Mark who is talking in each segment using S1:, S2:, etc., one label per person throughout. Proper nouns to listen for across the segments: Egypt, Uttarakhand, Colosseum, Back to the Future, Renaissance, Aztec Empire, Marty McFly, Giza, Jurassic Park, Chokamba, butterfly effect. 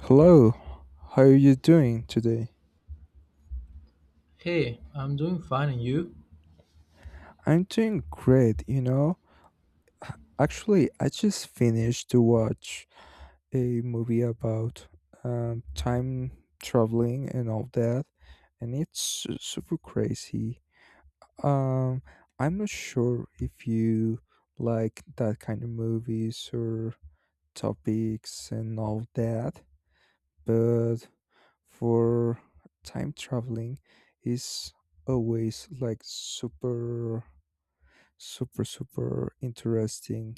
S1: Hello, how are you doing today?
S2: Hey, I'm doing fine, and you?
S1: I'm doing great, you know. Actually, I just finished to watch a movie about time traveling and all that, and it's super crazy. Um, I'm not sure if you like that kind of movies or topics and all that, but for time traveling is always like super super super interesting.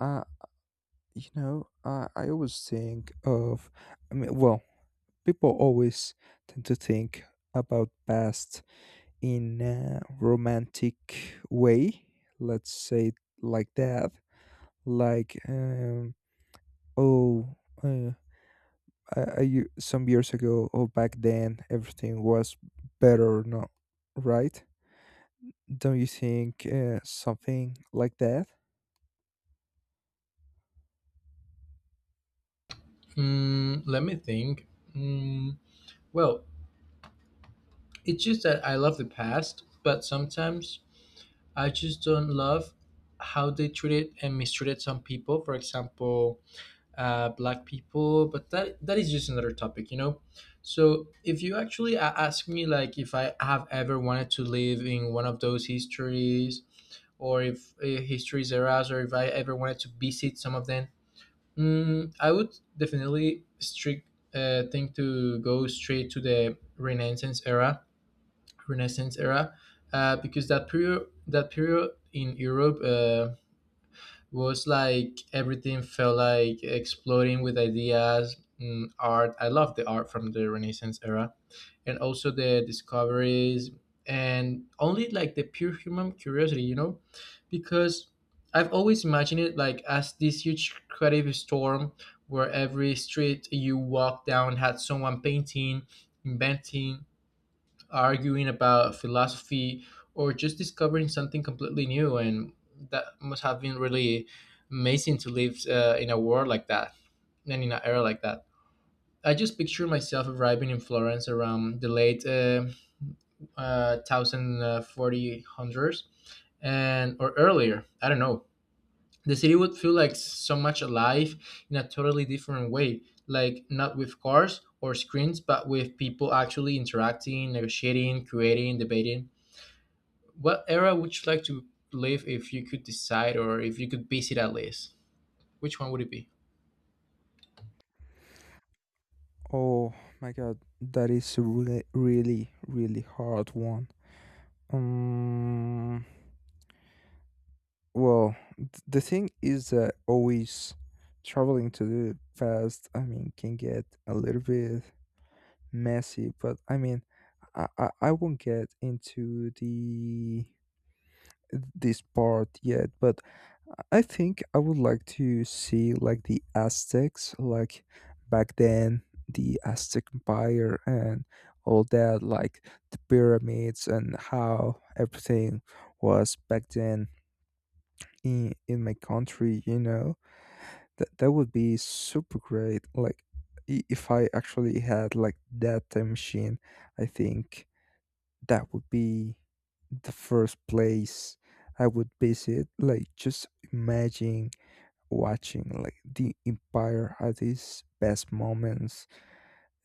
S1: uh you know, I always think of, I mean, well, people always tend to think about past in a romantic way, let's say it like that, like oh, uh, some years ago or back then everything was better, no, right? Don't you think, something like that?
S2: Hmm, let me think. Hmm, well, it's just that I love the past, but sometimes I just don't love how they treated and mistreated some people. For example, black people. But that is just another topic, you know. So if you actually ask me, like, if I have ever wanted to live in one of those histories, or if histories eras, or if I ever wanted to visit some of them. Mm, I would definitely strict think to go straight to the Renaissance era, Renaissance era, because that period in Europe. Was like everything felt like exploding with ideas, mm, art. I love the art from the Renaissance era, and also the discoveries, and only like the pure human curiosity, you know, because I've always imagined it like as this huge creative storm where every street you walk down had someone painting, inventing, arguing about philosophy, or just discovering something completely new. And that must have been really amazing to live in a world like that and in an era like that. I just picture myself arriving in Florence around the late 1040 hundreds and or earlier. I don't know. The city would feel like so much alive in a totally different way, like not with cars or screens, but with people actually interacting, negotiating, creating, debating. What era would you like to live if you could decide or if you could visit at least? Which one would it be?
S1: Oh my god, that is a really really really hard one. um well, the thing is that always traveling to the past, I mean, can get a little bit messy, but I mean, I won't get into the this part yet, but I think I would like to see like the Aztecs, like back then, the Aztec Empire and all that, like the pyramids and how everything was back then in my country. You know, that would be super great. Like, if I actually had like that time machine, I think that would be the first place I would visit. Like, just imagine watching like the empire had its best moments,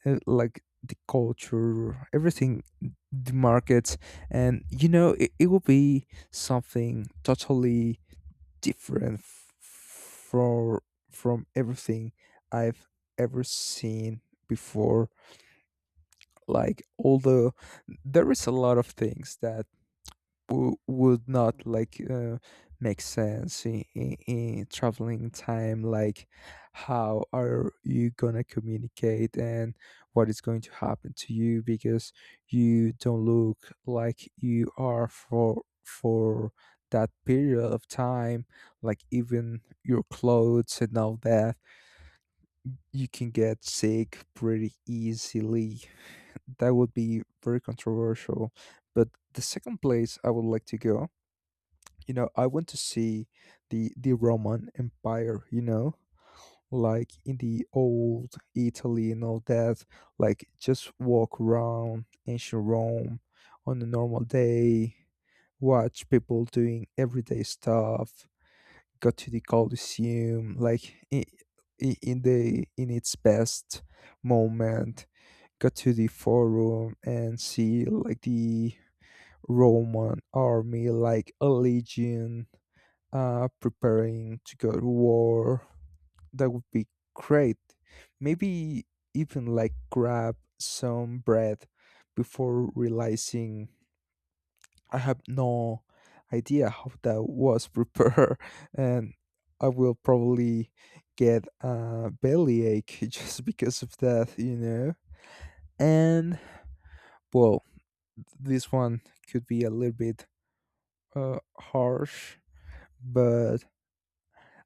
S1: like the culture, everything, the markets. And you know, it will be something totally different f- for from everything I've ever seen before. Like, all the, there is a lot of things that would not like make sense in, in traveling time. Like, how are you gonna communicate, and what is going to happen to you, because you don't look like you are for that period of time, like even your clothes and all that. You can get sick pretty easily. That would be very controversial. But the second place I would like to go, you know, I want to see the Roman Empire, you know, like in the old Italy and all that, like just walk around ancient Rome on a normal day, watch people doing everyday stuff, go to the Colosseum, like in, the in its best moment, go to the forum and see like the Roman army, like a legion, preparing to go to war. That would be great. Maybe even like grab some bread before realizing I have no idea how that was prepared, and I will probably get a bellyache just because of that, you know. And well, this one could be a little bit harsh, but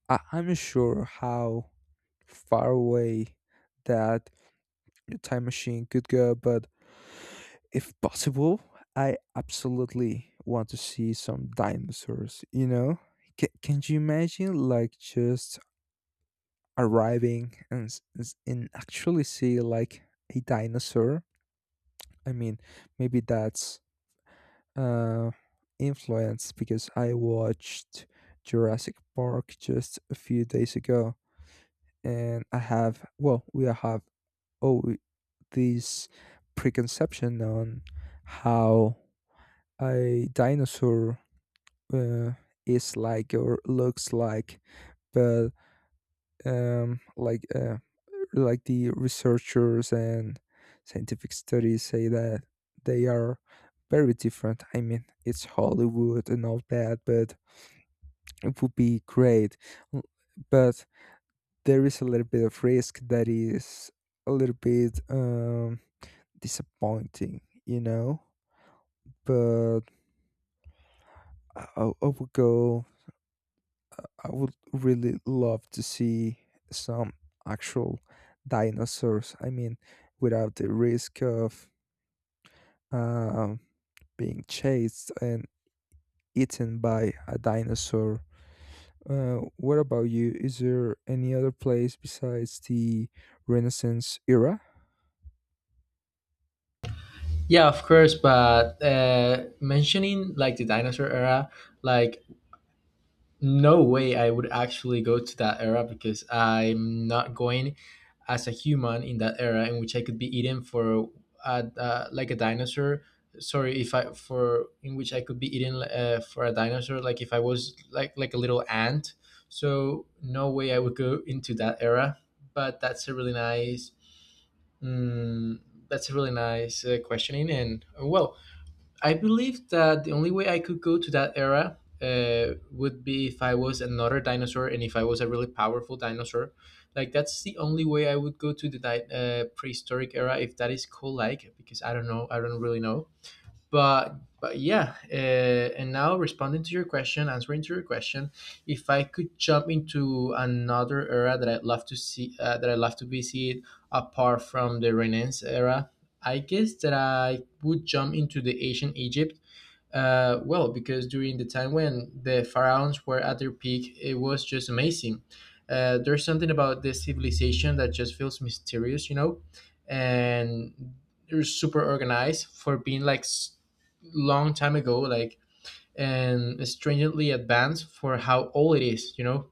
S1: I'm not sure how far away that your time machine could go. But if possible, I absolutely want to see some dinosaurs. You know, can you imagine like just arriving and and actually see like a dinosaur? I mean, maybe that's uh influence because I watched Jurassic Park just a few days ago, and I have, well, we have, oh, this preconception on how a dinosaur uh, is like or looks like. But um, like uh, like the researchers and scientific studies say that they are very different. I mean, it's Hollywood and all that, but it would be great. L- But there is a little bit of risk that is a little bit disappointing, you know? But I would go. I would really love to see some actual dinosaurs. I mean, without the risk of um, being chased and eaten by a dinosaur. What about you? Is there any other place besides the Renaissance era?
S2: Yeah, of course, but mentioning like the dinosaur era, like no way I would actually go to that era because I'm not going as a human in that era in which I could be eaten for like a dinosaur. Sorry, if I for in which I could be eaten for a dinosaur, like if I was like a little ant. So no way I would go into that era. But that's a really nice, mm, that's a really nice questioning, and well, I believe that the only way I could go to that era would be if I was another dinosaur and if I was a really powerful dinosaur. Like that's the only way I would go to the prehistoric era if that is cool. Like because I don't know, I don't really know, but yeah, and now responding to your question, answering to your question, if I could jump into another era that I'd love to see, that I'd love to visit, apart from the Renaissance era, I guess that I would jump into the ancient Egypt. Well, because during the time when the pharaohs were at their peak, it was just amazing. There's something about this civilization that just feels mysterious, you know, and they're super organized for being like long time ago, like, and strangely advanced for how old it is, you know.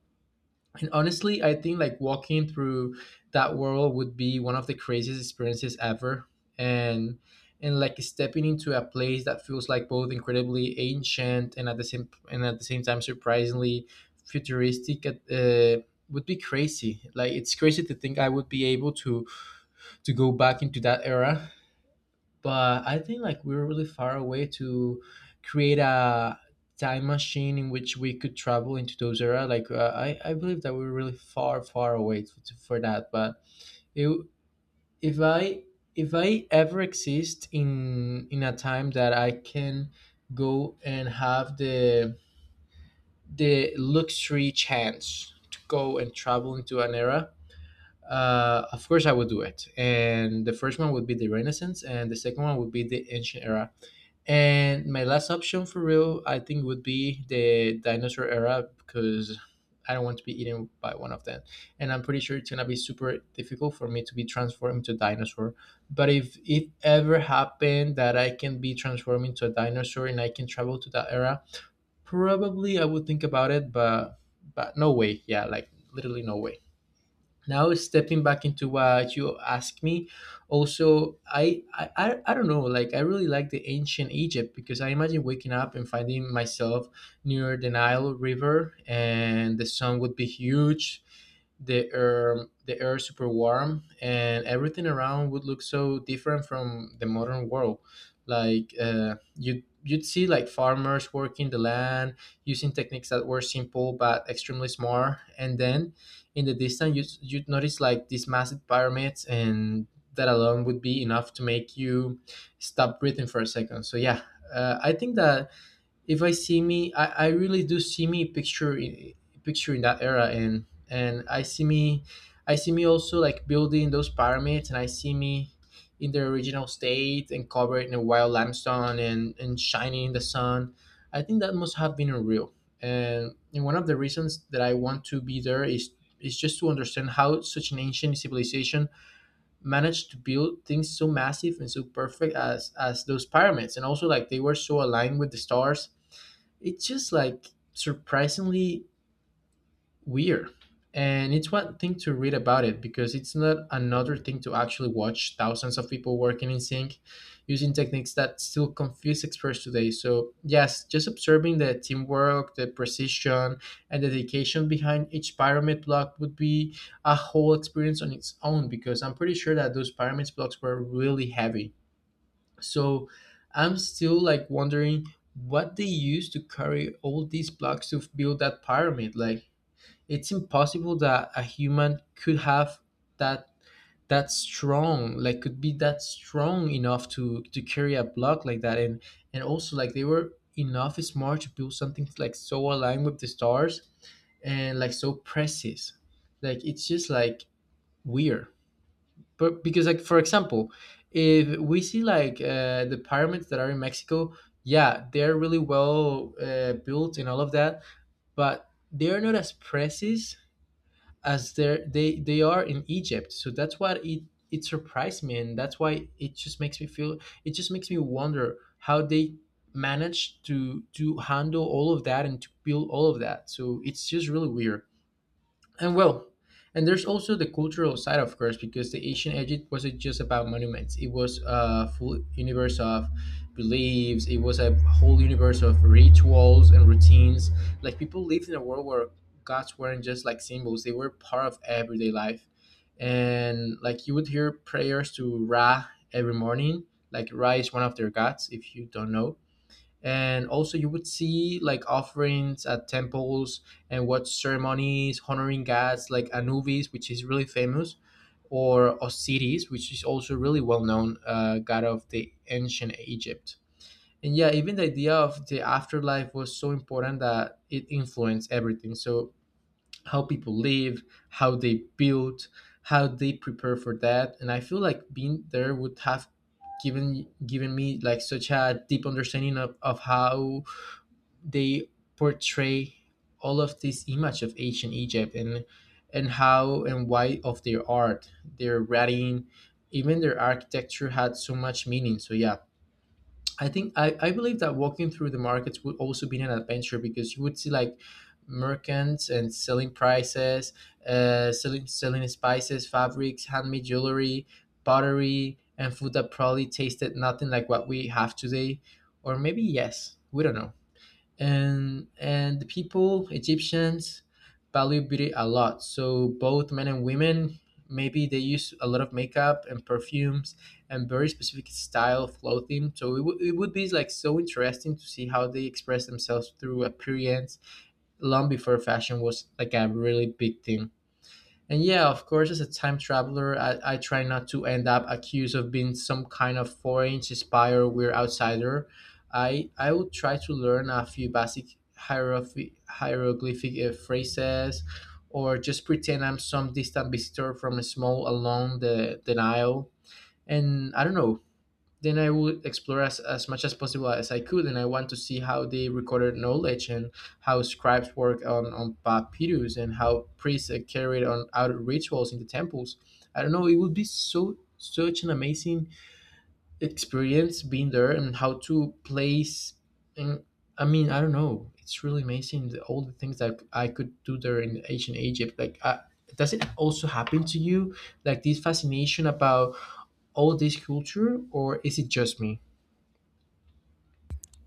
S2: Honestly, I think like walking through that world would be one of the craziest experiences ever. And and like stepping into a place that feels like both incredibly ancient and at the same time surprisingly futuristic, would be crazy. Like it's crazy to think I would be able to go back into that era, but I think like we were really far away to create a time machine in which we could travel into those era. Like I believe that we were really far, far away to, for that. But it, if I if I ever exist in a time that I can go and have the luxury chance to go and travel into an era. Of course, I would do it. And the first one would be the Renaissance, and the second one would be the ancient era, and my last option for real, I think, would be the dinosaur era because I don't want to be eaten by one of them. And I'm pretty sure it's gonna be super difficult for me to be transformed into a dinosaur. But if it ever happened that I can be transformed into a dinosaur and I can travel to that era, probably I would think about it. But no way, yeah, like literally no way. Now stepping back into what you asked me, also I don't know, like I really like the ancient Egypt because I imagine waking up and finding myself near the Nile river, and the sun would be huge, the air super warm, and everything around would look so different from the modern world. Like you you'd see like farmers working the land using techniques that were simple but extremely smart, and then in the distance you'd notice like these massive pyramids, and that alone would be enough to make you stop breathing for a second. So yeah, I think that if I see me, I really do see me picture in that era, and I see me also like building those pyramids, and I see me in their original state and covered in a wild limestone and shining in the sun. I think that must have been unreal, and one of the reasons that I want to be there is just to understand how such an ancient civilization managed to build things so massive and so perfect as those pyramids, and also like they were so aligned with the stars. It's just like surprisingly weird. And it's one thing to read about it because it's not another thing to actually watch thousands of people working in sync using techniques that still confuse experts today. So, yes, just observing the teamwork, the precision, and the dedication behind each pyramid block would be a whole experience on its own, because I'm pretty sure that those pyramid blocks were really heavy. So I'm still like wondering what they used to carry all these blocks to build that pyramid. Like it's impossible that a human could have that that strong, like could be that strong enough to carry a block like that. And also like they were enough smart to build something like so aligned with the stars and like so precise. Like it's just like weird. But because like for example if we see like the pyramids that are in Mexico, yeah, they're really well built and all of that, but they're not as precise as they are in Egypt. So that's what it surprised me, and that's why it just makes me feel, it just makes me wonder how they managed to handle all of that and to build all of that. So it's just really weird. And well, and there's also the cultural side, of course, because the ancient Egypt wasn't just about monuments. It was a full universe of beliefs. It was a whole universe of rituals and routines. Like people lived in a world where gods weren't just like symbols; they were part of everyday life. And like you would hear prayers to Ra every morning. Like Ra is one of their gods, if you don't know. And also you would see like offerings at temples and watch ceremonies honoring gods like Anubis, which is really famous, or Osiris, which is also really well known, god of the ancient Egypt. And yeah, even the idea of the afterlife was so important that it influenced everything. So how people live, how they build, how they prepare for that, and I feel like being there would have given me like such a deep understanding of how they portray all of this image of ancient Egypt, and how and why of their art, their writing, even their architecture had so much meaning. So yeah, I think I believe that walking through the markets would also be an adventure because you would see like merchants and selling prices, selling selling spices, fabrics, handmade jewelry, pottery, and food that probably tasted nothing like what we have today, or maybe yes, we don't know. And the people Egyptians value beauty a lot, so both men and women, maybe they use a lot of makeup and perfumes and very specific style of clothing. So it would be like so interesting to see how they express themselves through appearance long before fashion was like a really big thing. And yeah, of course, as a time traveler, I try not to end up accused of being some kind of foreign spy or weird outsider. I would try to learn a few basic hieroglyphic phrases, or just pretend I'm some distant visitor from a small along the Nile. And I don't know, then I would explore as much as possible as I could, and I want to see how they recorded knowledge and how scribes work on papyrus and how priests carried on out rituals in the temples. I don't know, it would be so such an amazing experience being there and how to place and I mean, I don't know. It's really amazing all the things that I could do there in ancient Egypt. Like, does it also happen to you? Like this fascination about all this culture, or is it just me?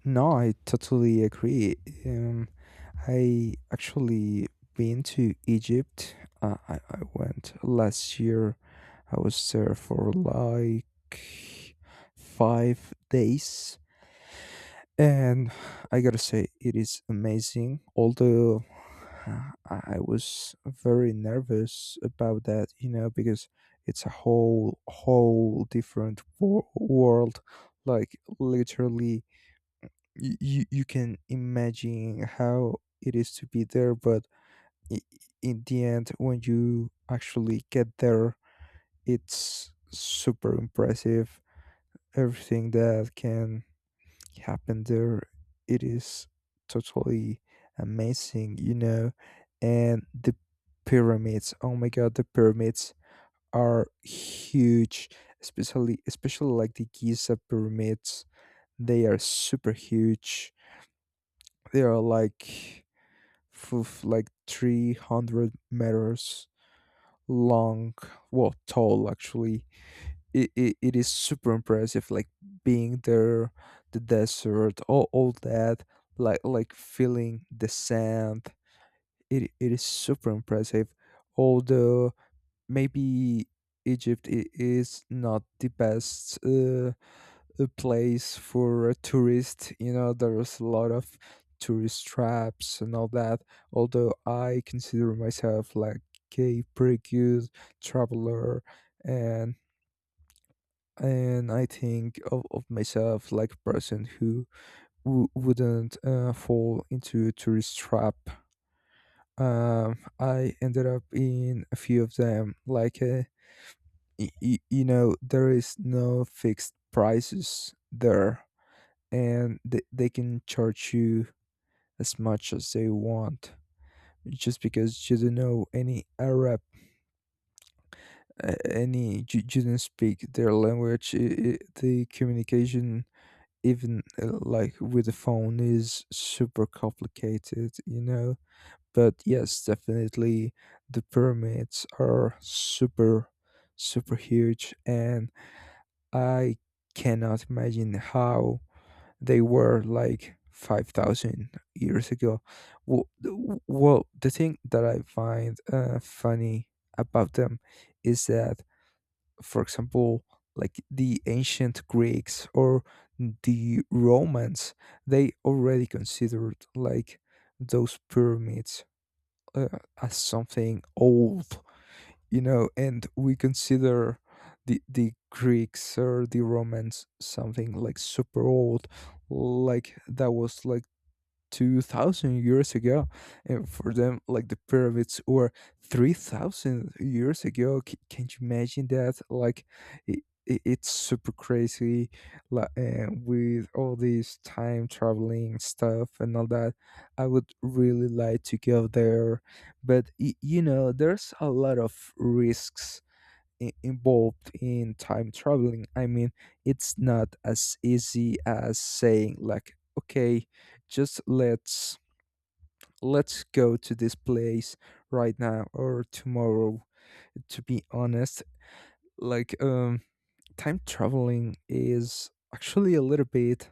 S1: No, I totally agree. Um, I actually been to Egypt. I went last year. I was there for like 5 days, and I gotta say it is amazing. Although, I was very nervous about that, you know, because it's a whole different world. Like, literally, you can imagine how it is to be there. But i- in the end, when you actually get there, it's super impressive. Everything that can happen there, it is totally amazing, you know. And the pyramids, oh my god, the pyramids are huge, especially like the Giza pyramids. They are super huge. They are like, like 300 meters long, well, tall actually. It is super impressive, like being there, the desert, all that, like, feeling the sand. It is super impressive. Although, maybe Egypt is not the best, a place for a tourist. You know, there's a lot of tourist traps and all that. Although, I consider myself like a pretty good traveler, and and I think of myself like a person who wouldn't fall into a tourist trap. I ended up in a few of them. Like, you know, there is no fixed prices there. And they can charge you as much as they want just because you don't know any Arab, any you, you don't speak their language. I The communication, even like with the phone, is super complicated, you know. But yes, definitely, the pyramids are super, super huge, and I cannot imagine how they were like 5000 years ago. Well, well, the thing that I find funny about them is that, for example, like the ancient Greeks or the Romans, they already considered like those pyramids as something old, you know. And we consider the Greeks or the Romans something like super old, like that was like 2000 years ago, and for them like the pyramids were 3000 years ago. C- can you imagine that? Like, it, it's super crazy. Like, and with all this time traveling stuff and all that, I would really like to go there. But, you know, there's a lot of risks involved in time traveling. I mean, it's not as easy as saying like, okay, just let's go to this place right now or tomorrow. To be honest, like, time traveling is actually a little bit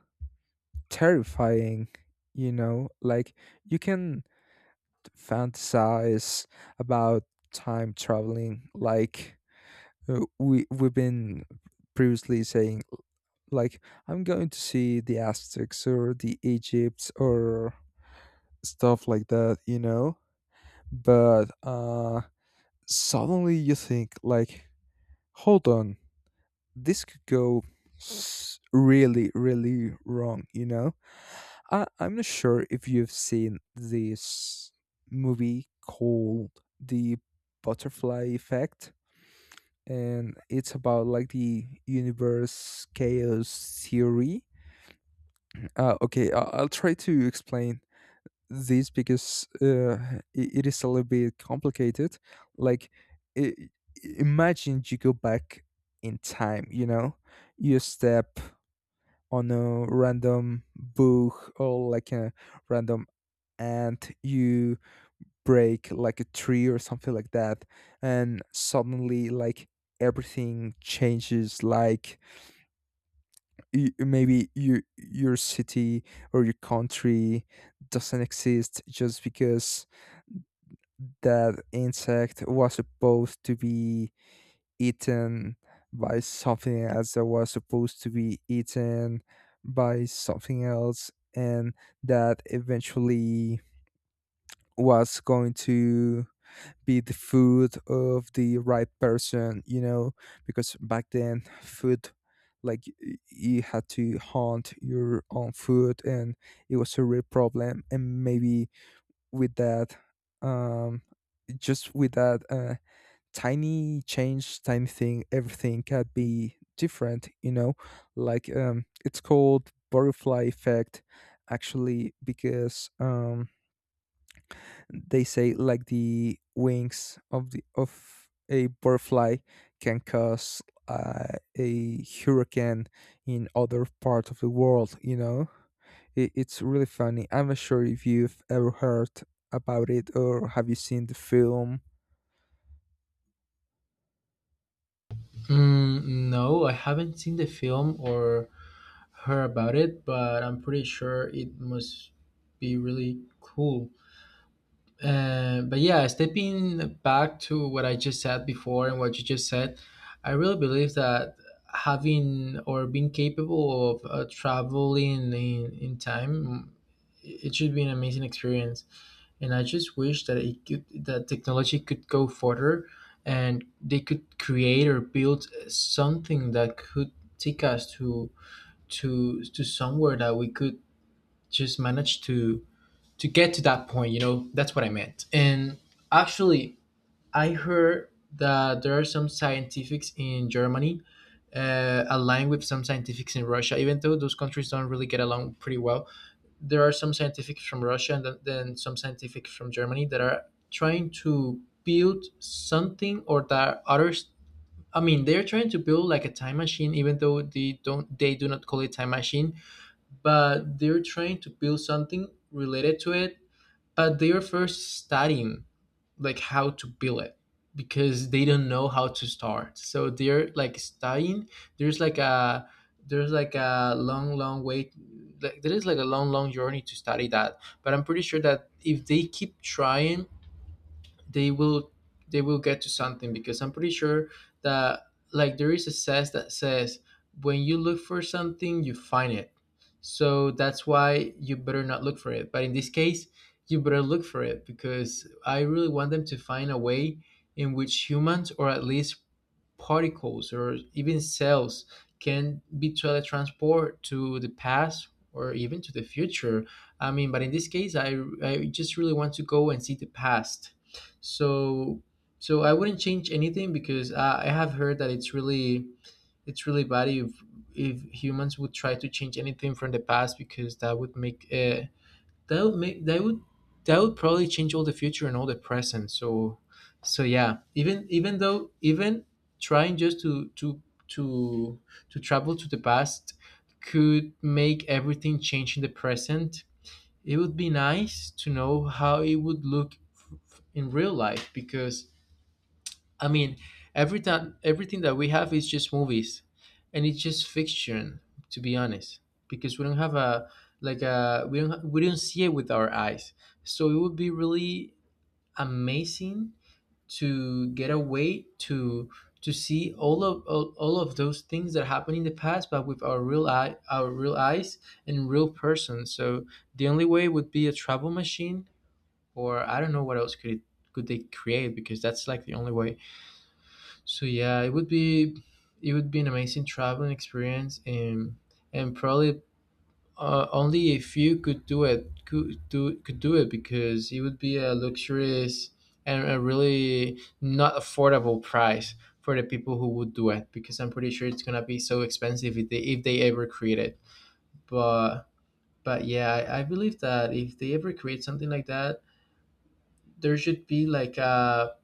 S1: terrifying, you know? Like, you can fantasize about time traveling. Like, we we've been previously saying like, I'm going to see the Aztecs or the Egypts or stuff like that, you know. But suddenly you think like, hold on, this could go really really wrong, you know. I'm not sure if you've seen this movie called the Butterfly Effect. And it's about like the universe chaos theory. Okay, I'll try to explain this because it is a little bit complicated. Like, i- imagine you go back in time, you know, you step on a random bug or like a random ant, you break like a tree or something like that, and suddenly, like, everything changes. Like, maybe your city or your country doesn't exist just because that insect was supposed to be eaten by something else that was supposed to be eaten by something else, and that eventually was going to be the food of the right person, you know. Because back then, food, like, you had to hunt your own food and it was a real problem. And maybe with that, um just with that tiny change, tiny thing, everything can be different, you know. Like, it's called butterfly effect actually because they say like the wings of the of a butterfly can cause a hurricane in other parts of the world. You know. It's really funny. I'm not sure if you've ever heard about it or have you seen the film.
S2: Mm, no, I haven't seen the film or heard about it, but I'm pretty sure it must be really cool. But yeah, stepping back to what I just said before and what you just said, I really believe that having or being capable of traveling in time, mm, it should be an amazing experience. And I just wish that that technology could go further and they could create or build something that could take us to to somewhere that we could just manage to get to that point, you know. That's what I meant. And actually, I heard that there are some scientifics in Germany aligned with some scientifics in Russia, even though those countries don't really get along pretty well. There are some scientifics from Russia and then some scientifics from Germany that are trying to build something or that others, I mean, they're trying to build like a time machine, even though they do not call it time machine, but they're trying to build something related to it. They are first studying like how to build it because they don't know how to start. So they're like studying. There's like a there's like a long, long way. Like, there is like a long, long journey to study that. But I'm pretty sure that if they keep trying, they will they will get to something because I'm pretty sure that like there is a says that says when you look for something you find it. So that's why you better not look for it. But in this case, you better look for it because I really want them to find a way in which humans or at least particles or even cells can be teletransported to the past or even to the future. I mean, but in this case, I just really want to go and see the past. So I wouldn't change anything because I have heard that it's really bad if humans would try to change anything from the past because that would make that would that would probably change all the future and all the present. So yeah, even trying just to to travel to the past could make everything change in the present. It would be nice to know how it would look in real life because, I mean, every time everything that we have is just movies, and it's just fiction, to be honest, because we don't have a we don't see it with our eyes. So it would be really amazing to get away to see all all of those things that happened in the past, but with our our real eyes and real person. So the only way would be a travel machine, or I don't know what else could it, could they create, because that's like the only way. So yeah, it would be an amazing traveling experience, and probably only a few could do it could do it because it would be a luxurious and a really not affordable price for the people who would do it, because I'm pretty sure it's gonna be so expensive if they ever create it. But yeah, I believe that if they ever create something like that, there should be like a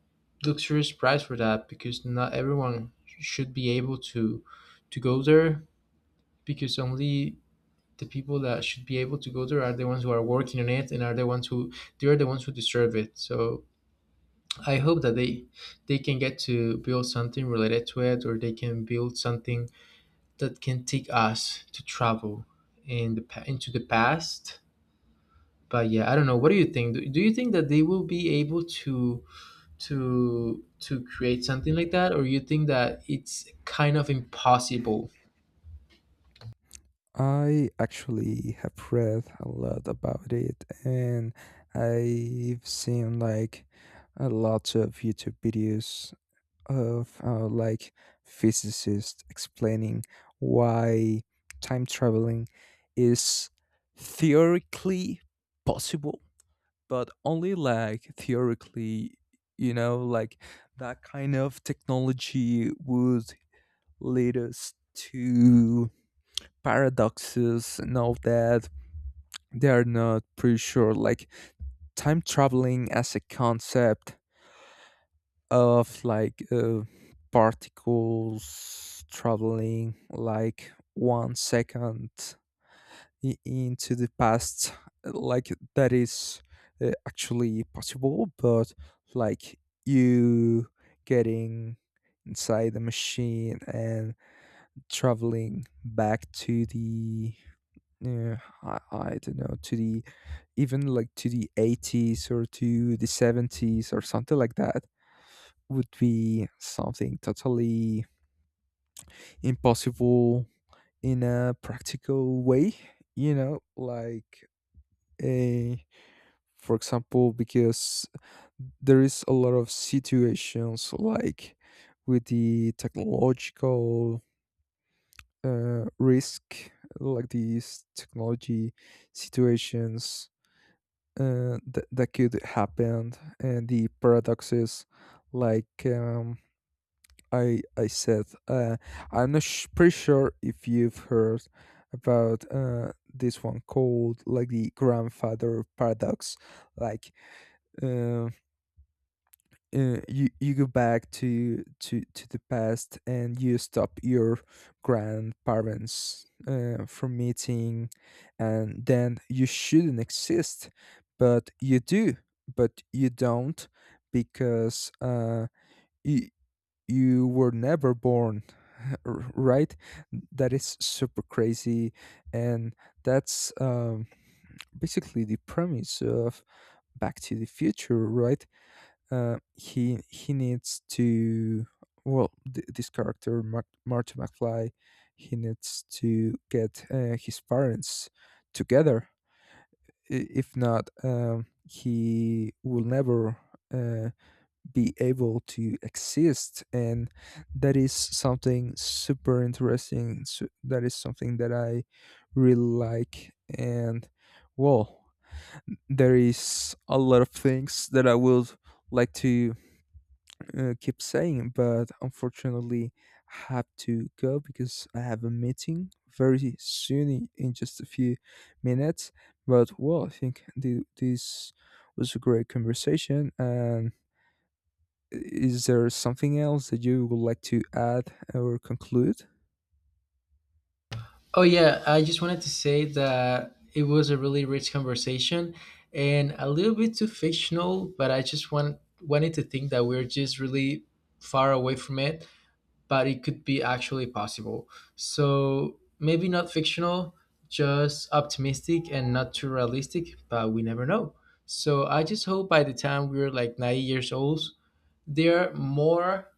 S2: luxurious price for that because not everyone should be able to go there, because only the people that should be able to go there are the ones who are working on it and are the ones who the ones who deserve it. So I hope that they can get to build something related to it or they can build something that can take us to travel in the into the past. But yeah, I don't know, what do you think? Do you think that they will be able to to create something like that, or you think that it's kind of impossible?
S1: I actually have read a lot about it, and I've seen like a lot of YouTube videos of, like, physicists explaining why time traveling is theoretically possible, but only like theoretically, you know. Like, that kind of technology would lead us to paradoxes and all that. They are not pretty sure like time traveling as a concept of like, particles traveling like 1 second into the past. Like, that is actually possible. But like, you getting inside the machine and traveling back to the, yeah, I don't know, to the, even like to the 80s or to the 70s or something like that, would be something totally impossible in a practical way, you know. Like, a, for example, because there is a lot of situations like with the technological risk, like these technology situations, that could happen. And the paradox is like, I said, I'm not pretty sure if you've heard about, this one called like the grandfather paradox. Like, uh, you you go back to the past, and you stop your grandparents from meeting, and then you shouldn't exist. But you do, but you don't, because you you were never born. Right? That is super crazy. And that's, basically the premise of Back to the Future, right? He needs to, well, this character Marty McFly, he needs to get, his parents together. If not, he will never, uh, be able to exist. And that is something super interesting. So that is something that I really like. And well, there is a lot of things that I would like to, keep saying, but unfortunately, I have to go because I have a meeting very soon, in just a few minutes. But well, I think this was a great conversation. And is there something else that you would like to add or conclude?
S2: Oh yeah, I just wanted to say that it was a really rich conversation and a little bit too fictional, but I just wanted to think that we're just really far away from it, but it could be actually possible. So maybe not fictional, just optimistic and not too realistic, but we never know. So I just hope by the time we're like 90 years old, they're more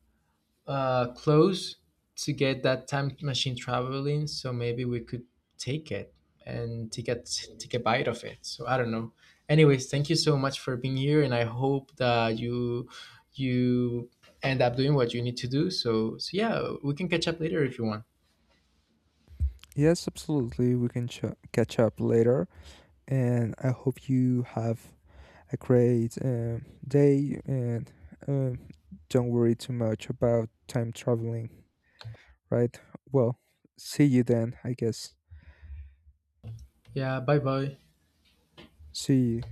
S2: close to get that time machine traveling. So maybe we could take it and take a take a bite of it. So I don't know. Anyways, thank you so much for being here, and I hope that you you end up doing what you need to do. So yeah, we can catch up later if you want.
S1: Yes, absolutely. We can catch up later. And I hope you have a great day, and um, don't worry too much about time traveling, right? Well, see you then, I guess.
S2: Yeah. Bye bye.
S1: See you.